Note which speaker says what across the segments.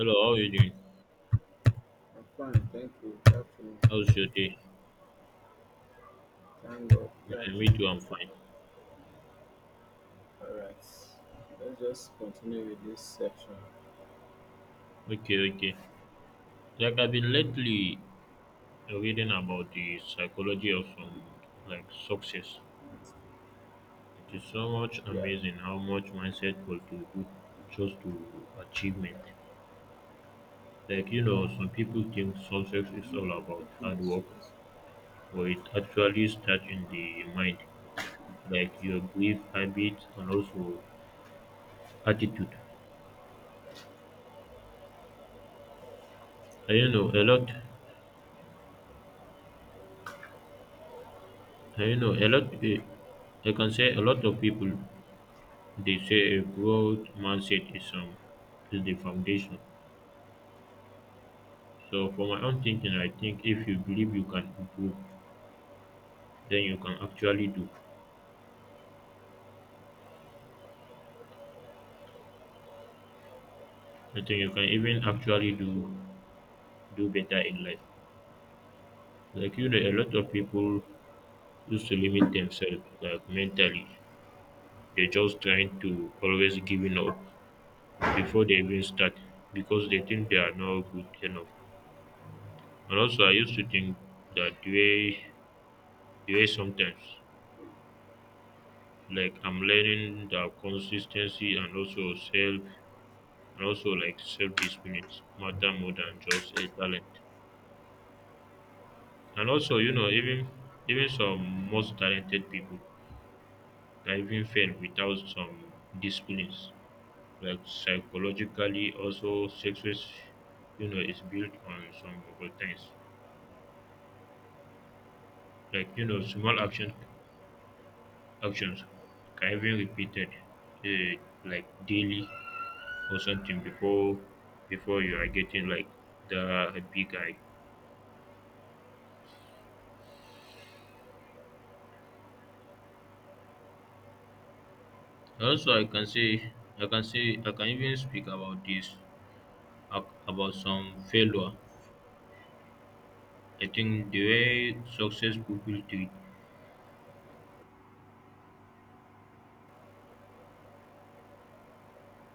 Speaker 1: Hello, how are you doing?
Speaker 2: I'm fine, thank you. Good afternoon.
Speaker 1: How's your day?
Speaker 2: Thank God. Good
Speaker 1: Yeah, me
Speaker 2: afternoon.
Speaker 1: too, I'm fine.
Speaker 2: All right. Let's just continue with this section.
Speaker 1: Okay, okay. Like I've been lately reading about the psychology of some like success. It is so much
Speaker 2: Yeah.
Speaker 1: amazing how much mindset contribute just to achievement. Like you know, some people think success is
Speaker 2: You know,
Speaker 1: all about
Speaker 2: working
Speaker 1: hard
Speaker 2: is
Speaker 1: work,
Speaker 2: stressful.
Speaker 1: but it actually starts in the mind, like your brief habits and also attitude. I don't know a lot. You know, a lot. I can say a lot of people they say a growth mindset is is the foundation. So for my own thinking, I think if you believe you can improve, then you can actually do. I think you can even actually do better in life. Like you know, a lot of people used to limit themselves like mentally. They're just trying to always giving up before they even start because they think they are not good enough. And also, I used to think that way. Yeah, sometimes. Like I'm learning that consistency and also self and also like self discipline matter more than just a talent. And also, you know, even some most talented people can even fail without some disciplines. Like psychologically also success, you know, is built on some routines. Like, you know, small actions can even repeated uh, like daily or something before you are getting like the big guy. Also, I can say I can even speak about this about some failure. I think the way success people treat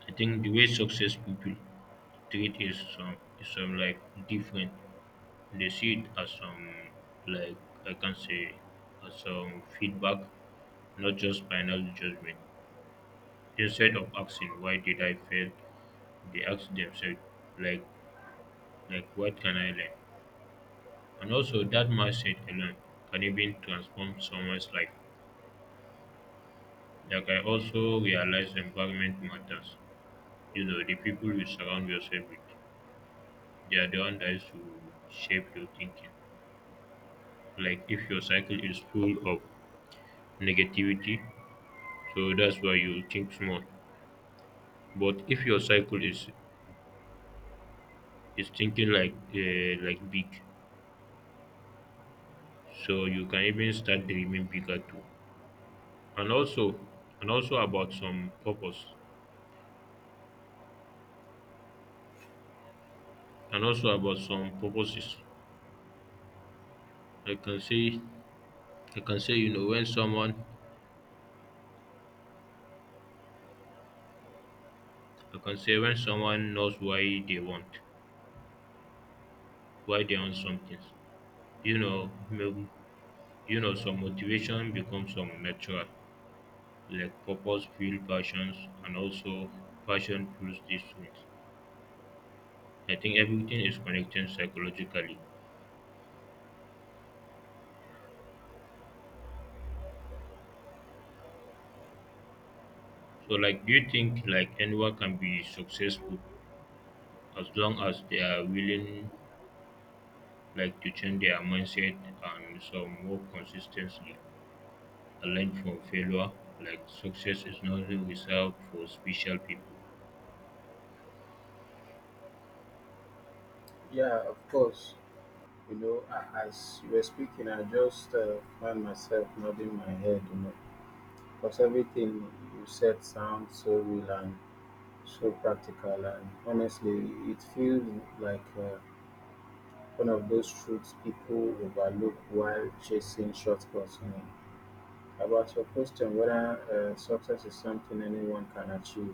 Speaker 1: I think the way success people treat is some like different. They see it as some like I can say as some feedback, not just final judgment. Instead of asking why did I fail, they ask themselves like Like, what can I learn? And also, that mindset alone can even transform someone's life. Like, I also realize environment matters. You know, the people you surround yourself with, they are the ones that is to shape your thinking. Like, if your cycle is full of negativity, so that's why you think small. But if your cycle is thinking like big, so you can even start dreaming bigger too. And also, and also about some purpose. And also about some purposes. I can say I can say you know when someone I can say when someone knows why they want something. You know maybe, you know some motivation becomes some natural like purpose fuel passions and also passion fuels these things. I think everything is connected psychologically. So like do you think like anyone can be successful as long as they are willing like to change their mindset and some more consistently? And learn from failure. Like success is not reserved for special people.
Speaker 2: Yeah, of course. You know, as you were speaking, I just found myself nodding my head, you know, because everything you said sounds so real and so practical. And honestly, it feels like one of those truths people overlook while chasing shortcuts. You know. About your question whether success is something anyone can achieve.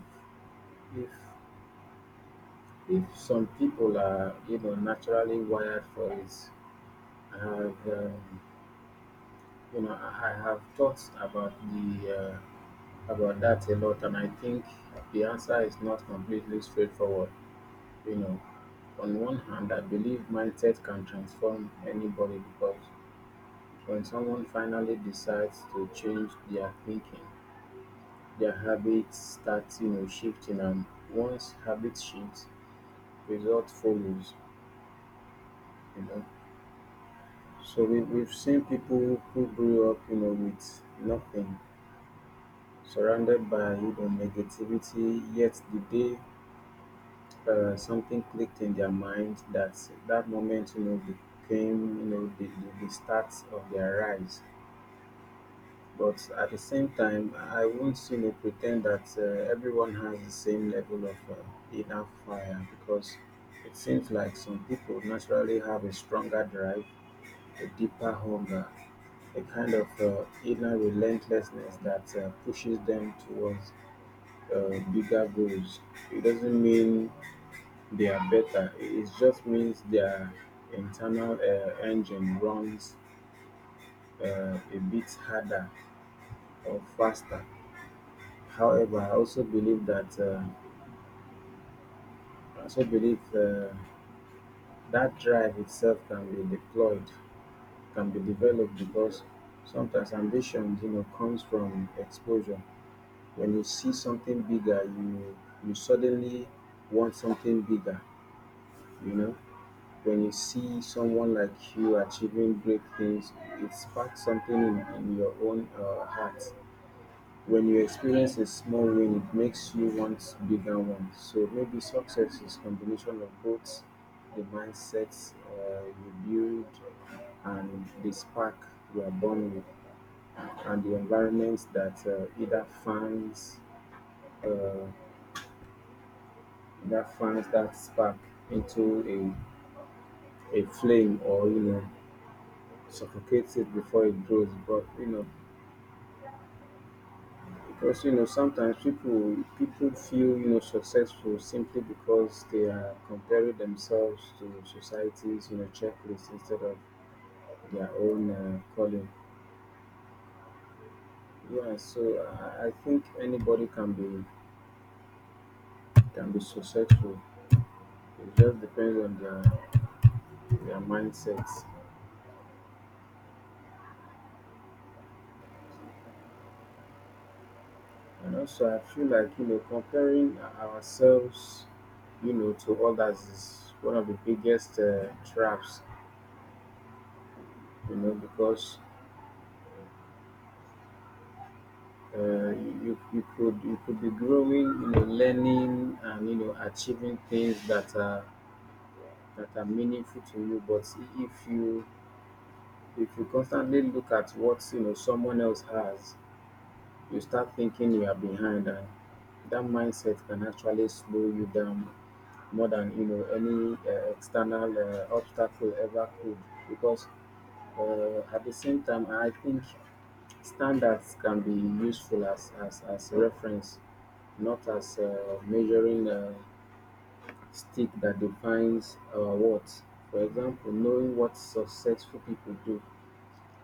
Speaker 2: If if some people are, you know, naturally wired for it, I have you know, I have thought about the about that a lot, and I think the answer is not completely straightforward. You know, on one hand, I believe mindset can transform anybody because when someone finally decides to change their thinking, their habits start, you know, shifting, and once habits shift, result follows, you know. So we've seen people who grew up, you know, with nothing, surrounded by, you know, negativity, yet the day something clicked in their mind that that moment, you know, became, you know, the start of their rise. But at the same time, I won't, you know, pretend that everyone has the same level of inner fire because it seems like some people naturally have a stronger drive, a deeper hunger, a kind of inner relentlessness that pushes them towards bigger goals. It doesn't mean they are better. It just means their internal engine runs a bit harder or faster. However, I also believe that drive itself can be developed because sometimes ambition, you know, comes from exposure. When you see something bigger, you suddenly want something bigger. You know, when you see someone like you achieving great things, it sparks something in your own heart. When you experience a small win, it makes you want bigger ones. So maybe success is combination of both the mindsets you build and the spark you are born with, and the environment that uh, either uh, fans that spark into a flame, or, you know, suffocates it before it grows. But you know, because, you know, sometimes people people feel, you know, successful simply because they are comparing themselves to society's, you know, checklist instead of their own calling. Yeah, so I think anybody can be successful. It just depends on their mindsets. And also, I feel like, you know, comparing ourselves, you know, to others is one of the biggest traps. You know, because you, you could be growing, you know, learning and, you know, achieving things that are meaningful to you, but if you if you constantly look at what, you know, someone else has, you start thinking you are behind, and that mindset can actually slow you down more than, you know, any external obstacle ever could, because at the same time, I think standards can be useful as as reference, not as a measuring stick that defines our worth. For example, knowing what successful people do,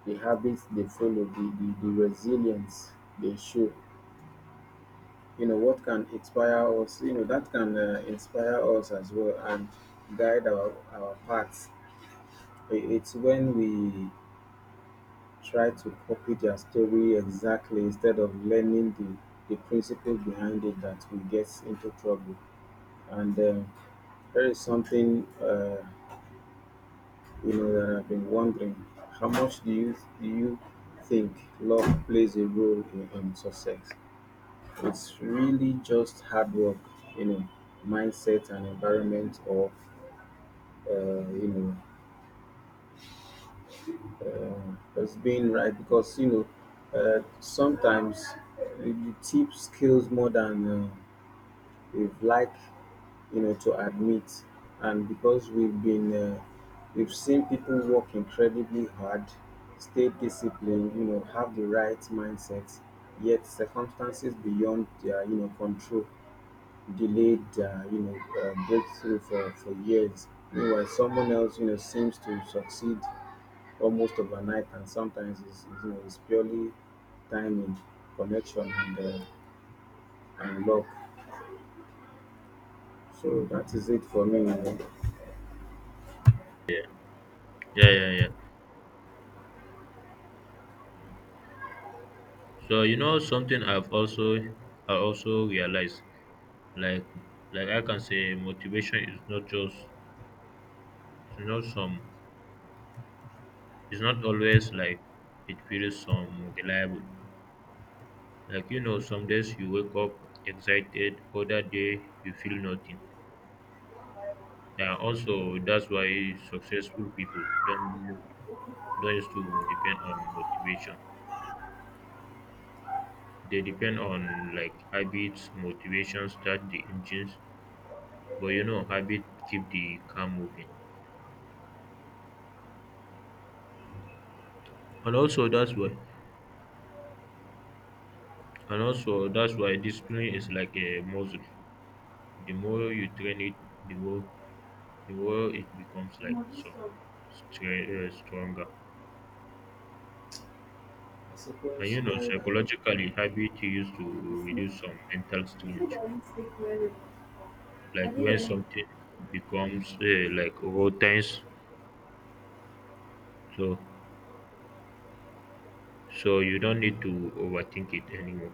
Speaker 2: the habits they follow, the resilience they show, you know, what can inspire us, you know, that can inspire us as well and guide our paths. It's when we try to copy their story exactly instead of learning the principle behind it that we get into trouble. And there is something you know that I've been wondering. How much do you think luck plays a role in success? It's really just hard work, you know, mindset and environment, or you know, just being right. Because you know, sometimes you tip skills more than you've like, you know, to admit. And because we've seen people work incredibly hard, stay disciplined, you know, have the right mindset, yet circumstances beyond their, you know, control delayed, you know, breakthrough for years. Meanwhile, someone else, you know, seems to succeed almost overnight, and sometimes you know, it's purely timing, connection, and luck. So that is it for me.
Speaker 1: Yeah, yeah, yeah. So you know something I've also I also realized like like I can say motivation is not just it's not some it's not always like it feels some reliable. Like you know some days you wake up excited, other day you feel nothing. And also that's why successful people don't used to depend on motivation. They depend on like habits motivation start the engines but you know habit keep the car moving and also that's why and also that's why discipline is like a muscle. The more you train it, the more the more it becomes like so stronger. And you know psychologically habit used to reduce some mental strain like when something becomes like routine, so so you don't need to overthink it anymore,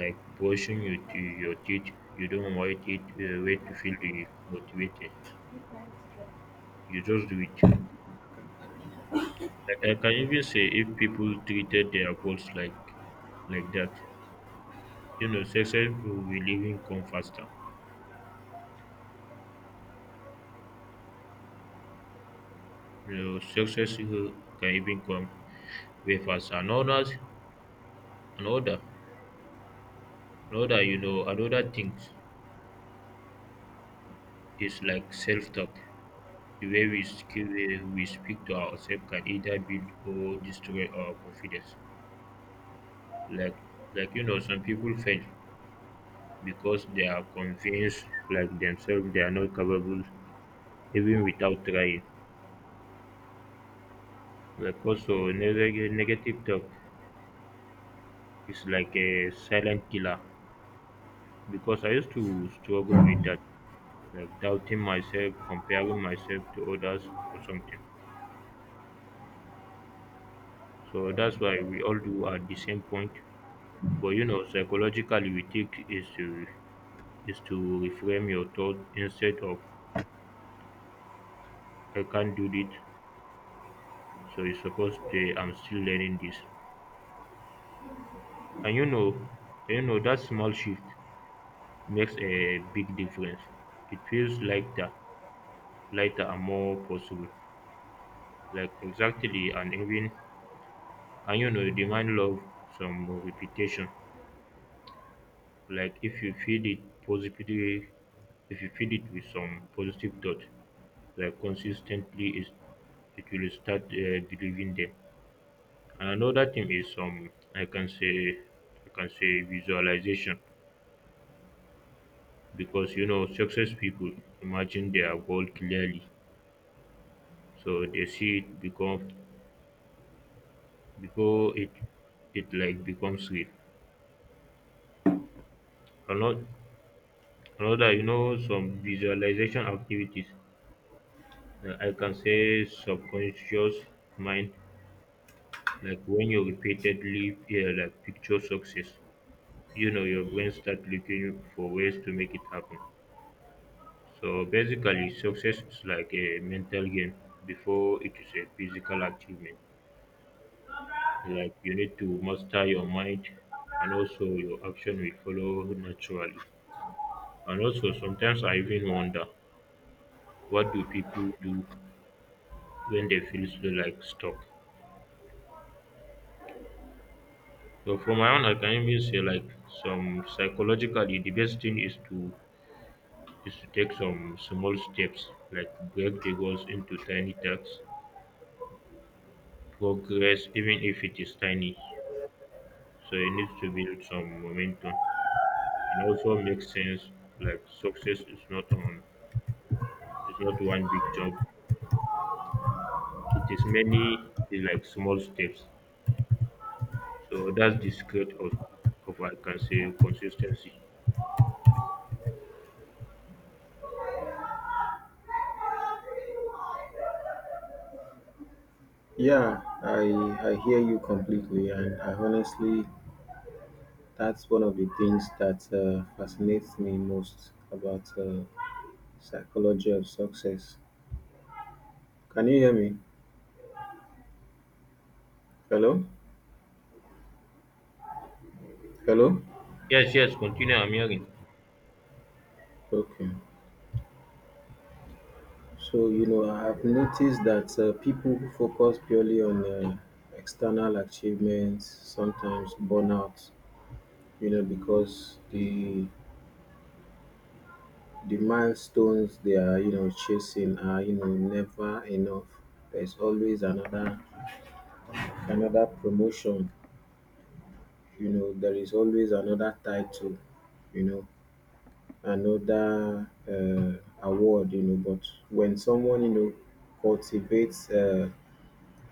Speaker 1: like brushing your to your teeth. You don't wait it wait to feel the motivated, you just do it. Like I can even say if people treated their goals like that, you know success will even come faster. You know success will- can even come way faster. And others another another things is like self-talk. The way we speak to ourselves can either build or destroy our confidence, like like you know some people fail because they are convinced like themselves they are not capable even without trying. Like also negative talk is like a silent killer because I used to struggle with that, like doubting myself, comparing myself to others or something. So that's why we all do at the same point. But you know psychologically we think is to reframe your thought instead of I can't do it. So it's supposed to I'm still learning this. And you know that small shift makes a big difference. It feels lighter, lighter and more possible. Like exactly and even and you know the mind love some repetition. Like if you feed it positively, if you feed it with some positive thought, like consistently is it will start believing them. And another thing is some I can say visualization because you know success people imagine their goal clearly, so they see it become before it it like becomes real. Another some visualization activities, I can say subconscious mind, like when you repeatedly yeah, like picture success, you know your brain start looking for ways to make it happen. So basically success is like a mental game before it is a physical achievement. Like you need to master your mind and also your action will follow naturally. And also sometimes I even wonder what do people do when they feel slow like stuck. So for my own I can even say like some psychologically the best thing is to take some small steps, like break the goals into tiny tasks, progress even if it is tiny. So it needs to build some momentum. And also makes sense like success is not on. It's not one big jump. It is many like small steps. So that's the secret of I can say consistency.
Speaker 2: Yeah, I hear you completely, and I honestly, that's one of the things that fascinates me most about psychology of success. Can you hear me? Hello, hello.
Speaker 1: Yes, yes. Continue. I'm hearing.
Speaker 2: Okay. So you know, I've noticed that people who focus purely on external achievements sometimes burn out. You know, because the milestones they are, you know, chasing are, you know, never enough. There's always another another promotion, you know, there is always another title, you know, another award, you know. But when someone, you know, cultivates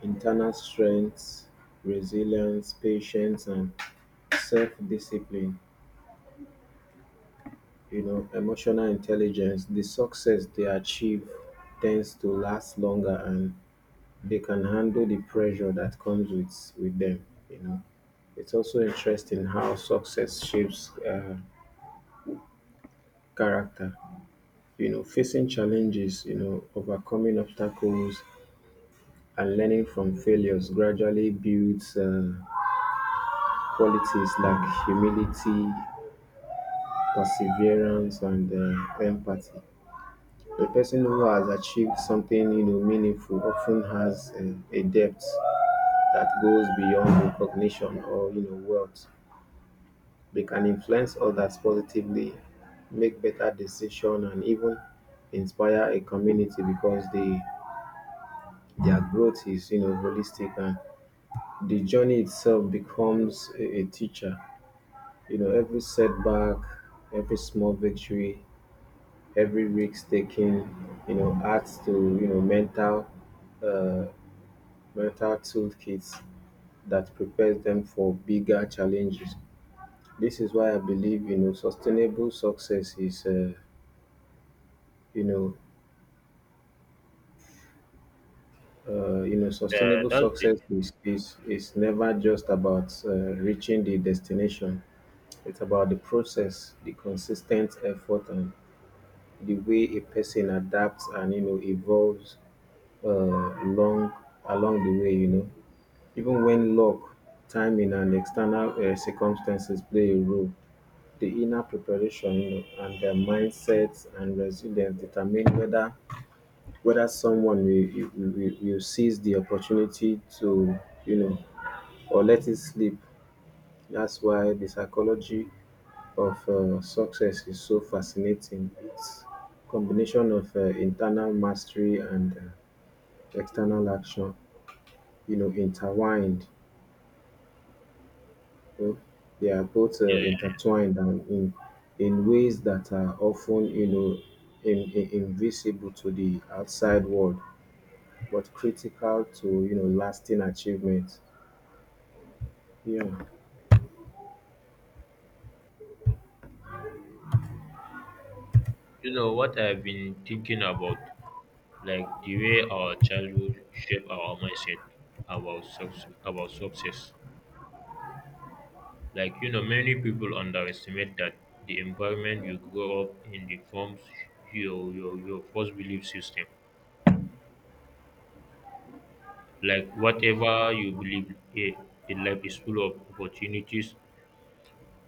Speaker 2: internal strength, resilience, patience, and self discipline, you know, emotional intelligence, the success they achieve tends to last longer, and they can handle the pressure that comes with them. You know, it's also interesting how success shapes character. You know, facing challenges, you know, overcoming obstacles, and learning from failures gradually builds qualities like humility, perseverance, and empathy. The person who has achieved something, you know, meaningful often has a depth that goes beyond recognition or, you know, wealth. They can influence others positively, make better decisions, and even inspire a community because they their growth is, you know, holistic, and the journey itself becomes a teacher. You know, every setback, every small victory, every risk taken, you know, adds to, you know, mental uh, mental toolkits that prepares them for bigger challenges. This is why I believe, you know, sustainable success is you know sustainable
Speaker 1: That's it.
Speaker 2: success is never just about reaching the destination. It's about the process, the consistent effort, and the way a person adapts and, you know, evolves uh, along along the way. You know, even when luck, timing, and external circumstances play a role, the inner preparation, you know, and the mindsets and resilience determine whether someone will seize the opportunity to, you know, or let it slip. That's why the psychology of success is so fascinating. It's combination of internal mastery and external action, you know, intertwined. You know, they are both
Speaker 1: Yeah.
Speaker 2: intertwined and in ways that are often, you know, invisible to the outside world, but critical to, you know, lasting achievement. Yeah,
Speaker 1: You know what I've been thinking about, like the way our childhood shape our mindset about success. Like you know, many people underestimate that the environment you grow up in the forms your first belief system. Like whatever you believe in life is full of opportunities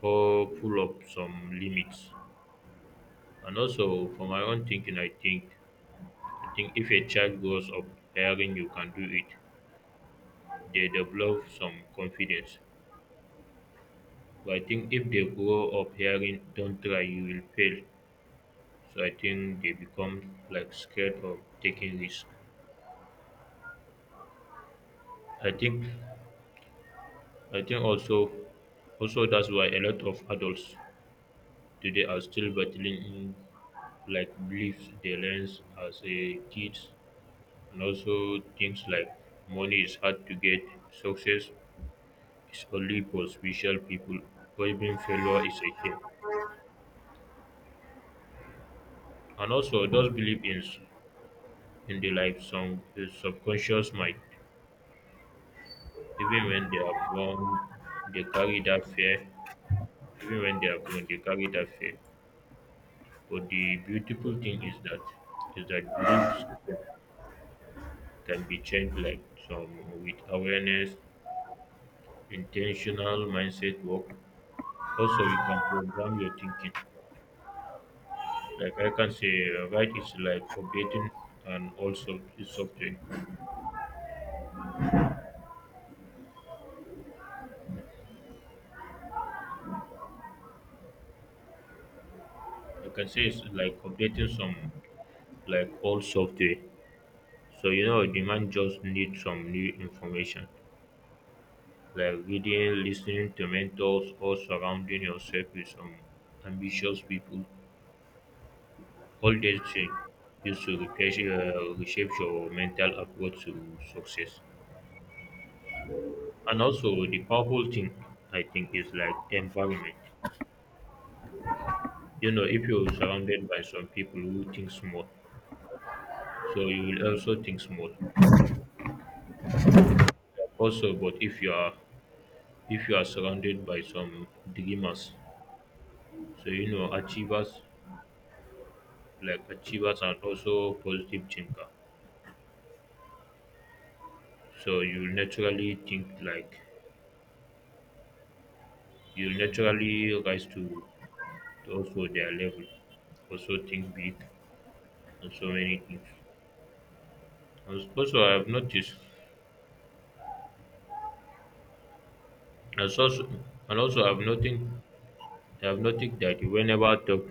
Speaker 1: or full of some limits. And also for my own thinking I think, if a child grows up hearing you can do it, they develop some confidence. But I think if they grow up hearing don't try you will fail, so I think they become like scared of taking risk. i think I think also, also that's why a lot of adults today are still battling in like beliefs they learned as a kids. And also things like money is hard to get, success is only for special people, or even failure is a shame. And also those believe in the like some the subconscious mind. Even when they are grown, they carry that fear. Even when they are grown, they carry that fear. But the beautiful thing is that belief system can be changed, like some with awareness, intentional mindset work. Also you can program your thinking, like I can say right. It's like updating and also software I can say it's like updating some like old software. So you know demand just need some new information, like reading, listening to mentors, or surrounding yourself with some ambitious people. All these things used to refresh, reshape your mental approach to success. And also, the powerful thing I think is like the environment. You know, if you're surrounded by some people who think small, so you will also think small. Also, but if you are surrounded by some dreamers, so you know achievers like achievers and also positive thinker, so you will naturally think like you will naturally rise to also their level, also think big, and so many things. And also I have noticed and so and also I've noticed that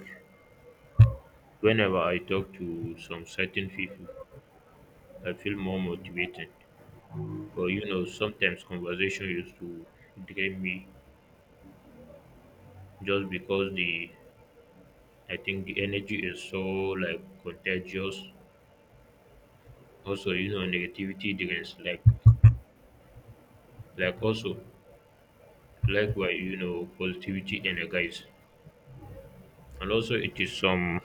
Speaker 1: whenever I talk to some certain people I feel more motivated. But you know sometimes conversation used to drain me just because the I think the energy is so like contagious. Also, you know, negativity drains like also likewise, you know, positivity energizes. And also it is some,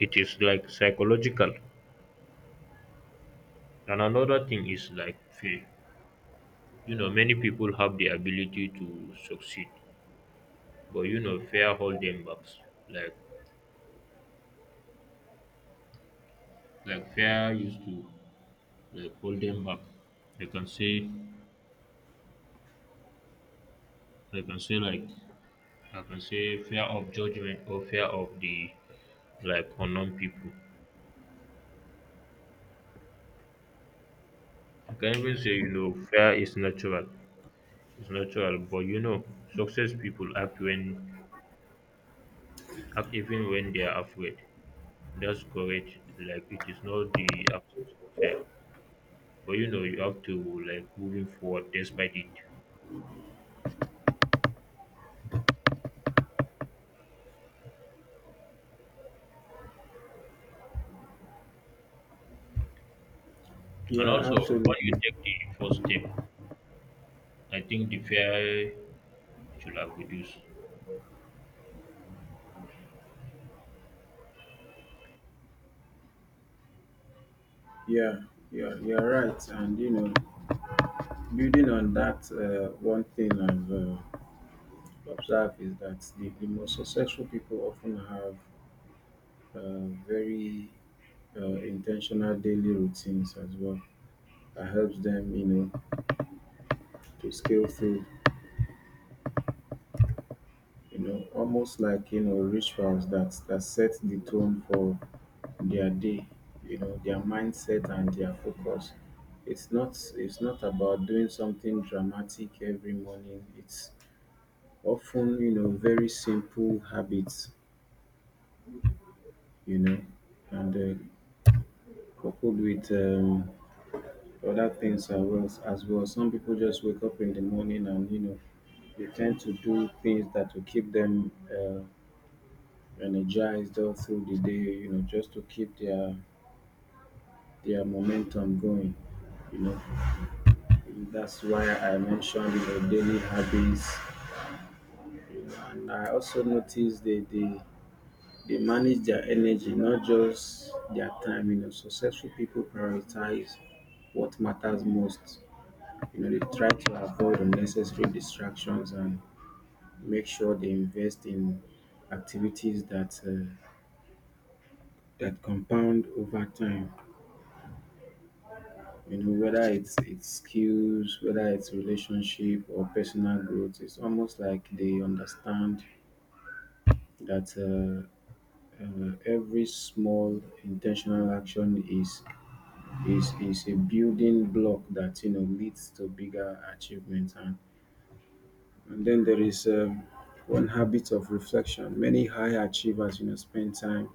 Speaker 1: it is like psychological. And another thing is like fear. You know many people have the ability to succeed, but you know fear hold them back, like like fear used to like hold them back. they can say they can say like I can say fear of judgment or fear of the like unknown people. I can even say you know fear is natural, it's natural, but you know success people act when act even when they are afraid. That's correct. Like it is not the absence of fear, but you know you have to like moving forward despite it. And
Speaker 2: yeah,
Speaker 1: also, when
Speaker 2: absolutely.
Speaker 1: you take the first step, I think the fear should have reduced.
Speaker 2: Yeah, yeah, you're right. And you know, building on that, one thing I've observed is that the most successful people often have very intentional daily routines as well that helps them, you know, to scale through. You know, almost like, you know, rituals that that set the tone for their day, you know, their mindset and their focus. It's not about doing something dramatic every morning. It's often, you know, very simple habits, you know, and coupled with other things as well. Some people just wake up in the morning and, you know, they tend to do things that will keep them energized all through the day, you know, just to keep their momentum going, you know. That's why I mentioned, you know, daily habits, you know, and I also noticed they manage their energy, not just their time. You know, successful people prioritize what matters most. You know, they try to avoid unnecessary distractions and make sure they invest in activities that compound over time. You know, whether it's skills, whether it's relationship or personal growth, it's almost like they understand that every small intentional action is a building block that, you know, leads to bigger achievements. And then there is one habit of reflection. Many high achievers, you know, spend time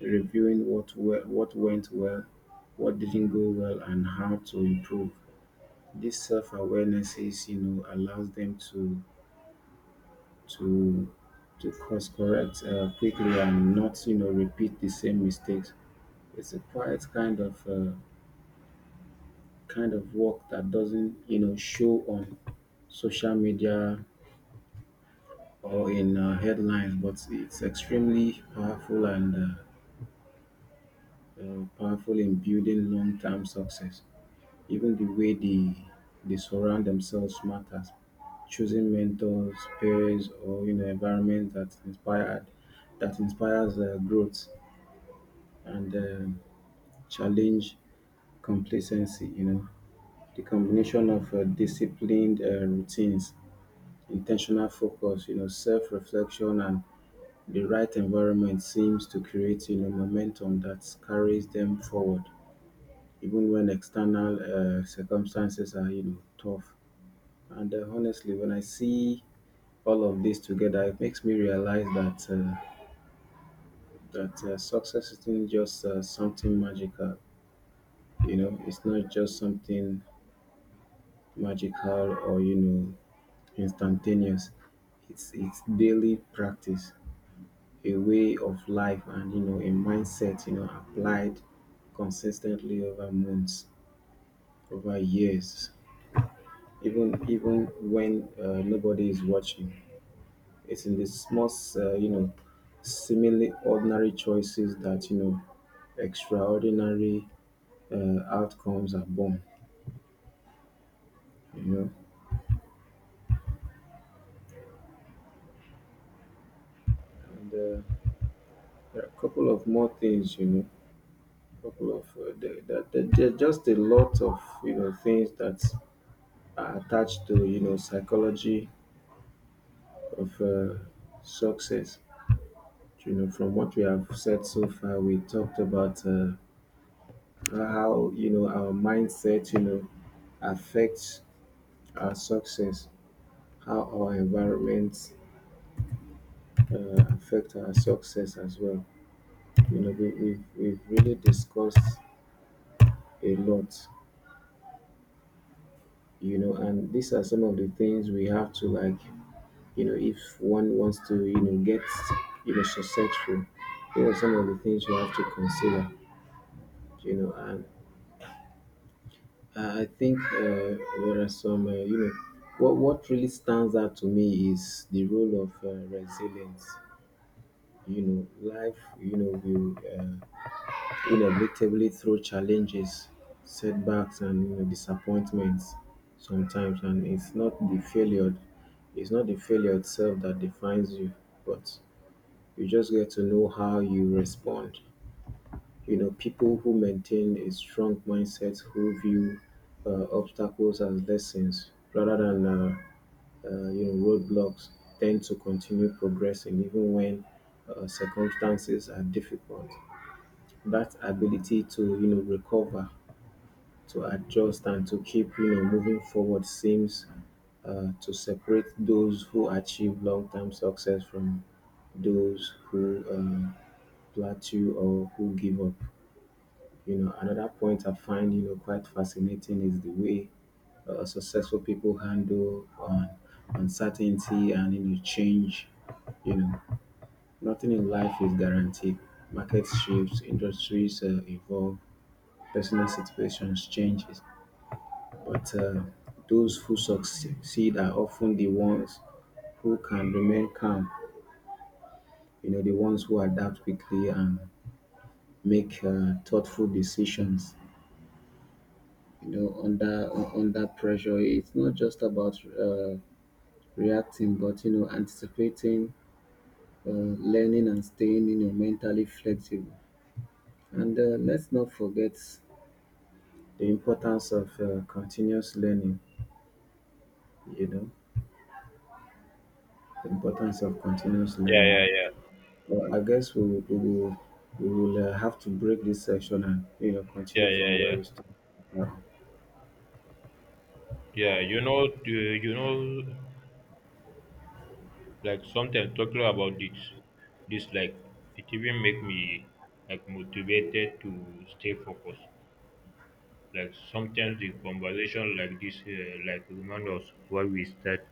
Speaker 2: reviewing what well, what went well, what didn't go well, and how to improve. This self-awareness is, you know, allows them to to course correct quickly and not, you know, repeat the same mistakes. It's a quiet kind of work that doesn't, you know, show on social media or in headlines, but it's extremely powerful and powerful in building long-term success. Even the way they surround themselves matters. Choosing mentors, peers, or, you know, environment that inspired that inspires growth and challenge complacency. You know, the combination of disciplined routines, intentional focus, you know, self-reflection, and the right environment seems to create, you know, momentum that carries them forward, even when external circumstances are, you know, tough. And honestly, when I see all of this together, it makes me realize uh, that success isn't just something magical. You know, it's not just something magical or, you know, instantaneous. It's daily practice, a way of life, and, you know, a mindset, you know, applied consistently over months, over years, even even when nobody is watching. It's in the small you know, seemingly ordinary choices that, you know, extraordinary outcomes are born, you know. And there are a couple of more things, you know, couple of there, there, there, there are just a lot of, you know, things that are attached to, you know, psychology of success. You know, from what we have said so far, we talked about how, you know, our mindset, you know, affects our success, how our environment affect our success as well. You know, we've really discussed a lot. You know, and these are some of the things we have to like. You know, if one wants to, you know, get, you know, successful, here are some of the things you have to consider. You know, and I think there are some, you know, what really stands out to me is the role of resilience. You know, life, you know, will uh, inevitably throw challenges, setbacks, and, you know, disappointments sometimes. And it's not the failure itself that defines you, but you just get to know how you respond. You know, people who maintain a strong mindset, who view obstacles as lessons rather than you know, roadblocks, tend to continue progressing even when circumstances are difficult. That ability to, you know, recover, to adjust, and to keep, you know, moving forward seems to separate those who achieve long-term success from those who plateau or who give up. You know, another point I find, you know, quite fascinating is the way successful people handle uncertainty and, you know, change. You know, nothing in life is guaranteed. Markets shifts, industries evolve, personal situations changes. But those who succeed are often the ones who can remain calm. You know, the ones who adapt quickly and make thoughtful decisions, you know, under under pressure. It's not just about reacting, but, you know, anticipating, uh, learning, and staying, you know, mentally flexible. And let's not forget the importance of continuous learning you know the importance of continuous
Speaker 1: Yeah,
Speaker 2: learning.
Speaker 1: yeah, yeah,
Speaker 2: Well, I guess we will, we will we will have to break this section and, you know,
Speaker 1: yeah,
Speaker 2: continue
Speaker 1: yeah,
Speaker 2: from where
Speaker 1: yeah.
Speaker 2: we started. Uh,
Speaker 1: Yeah, you know, the- you know, like sometimes talking about this, this like it even make me like motivated to stay focused. Like sometimes the conversation like this, like remind us why we start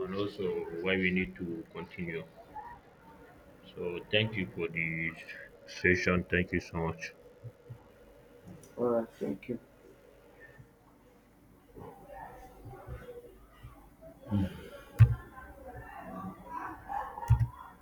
Speaker 1: and also why we need to continue. So thank you for the session. Thank you so much.
Speaker 2: all right, thank you.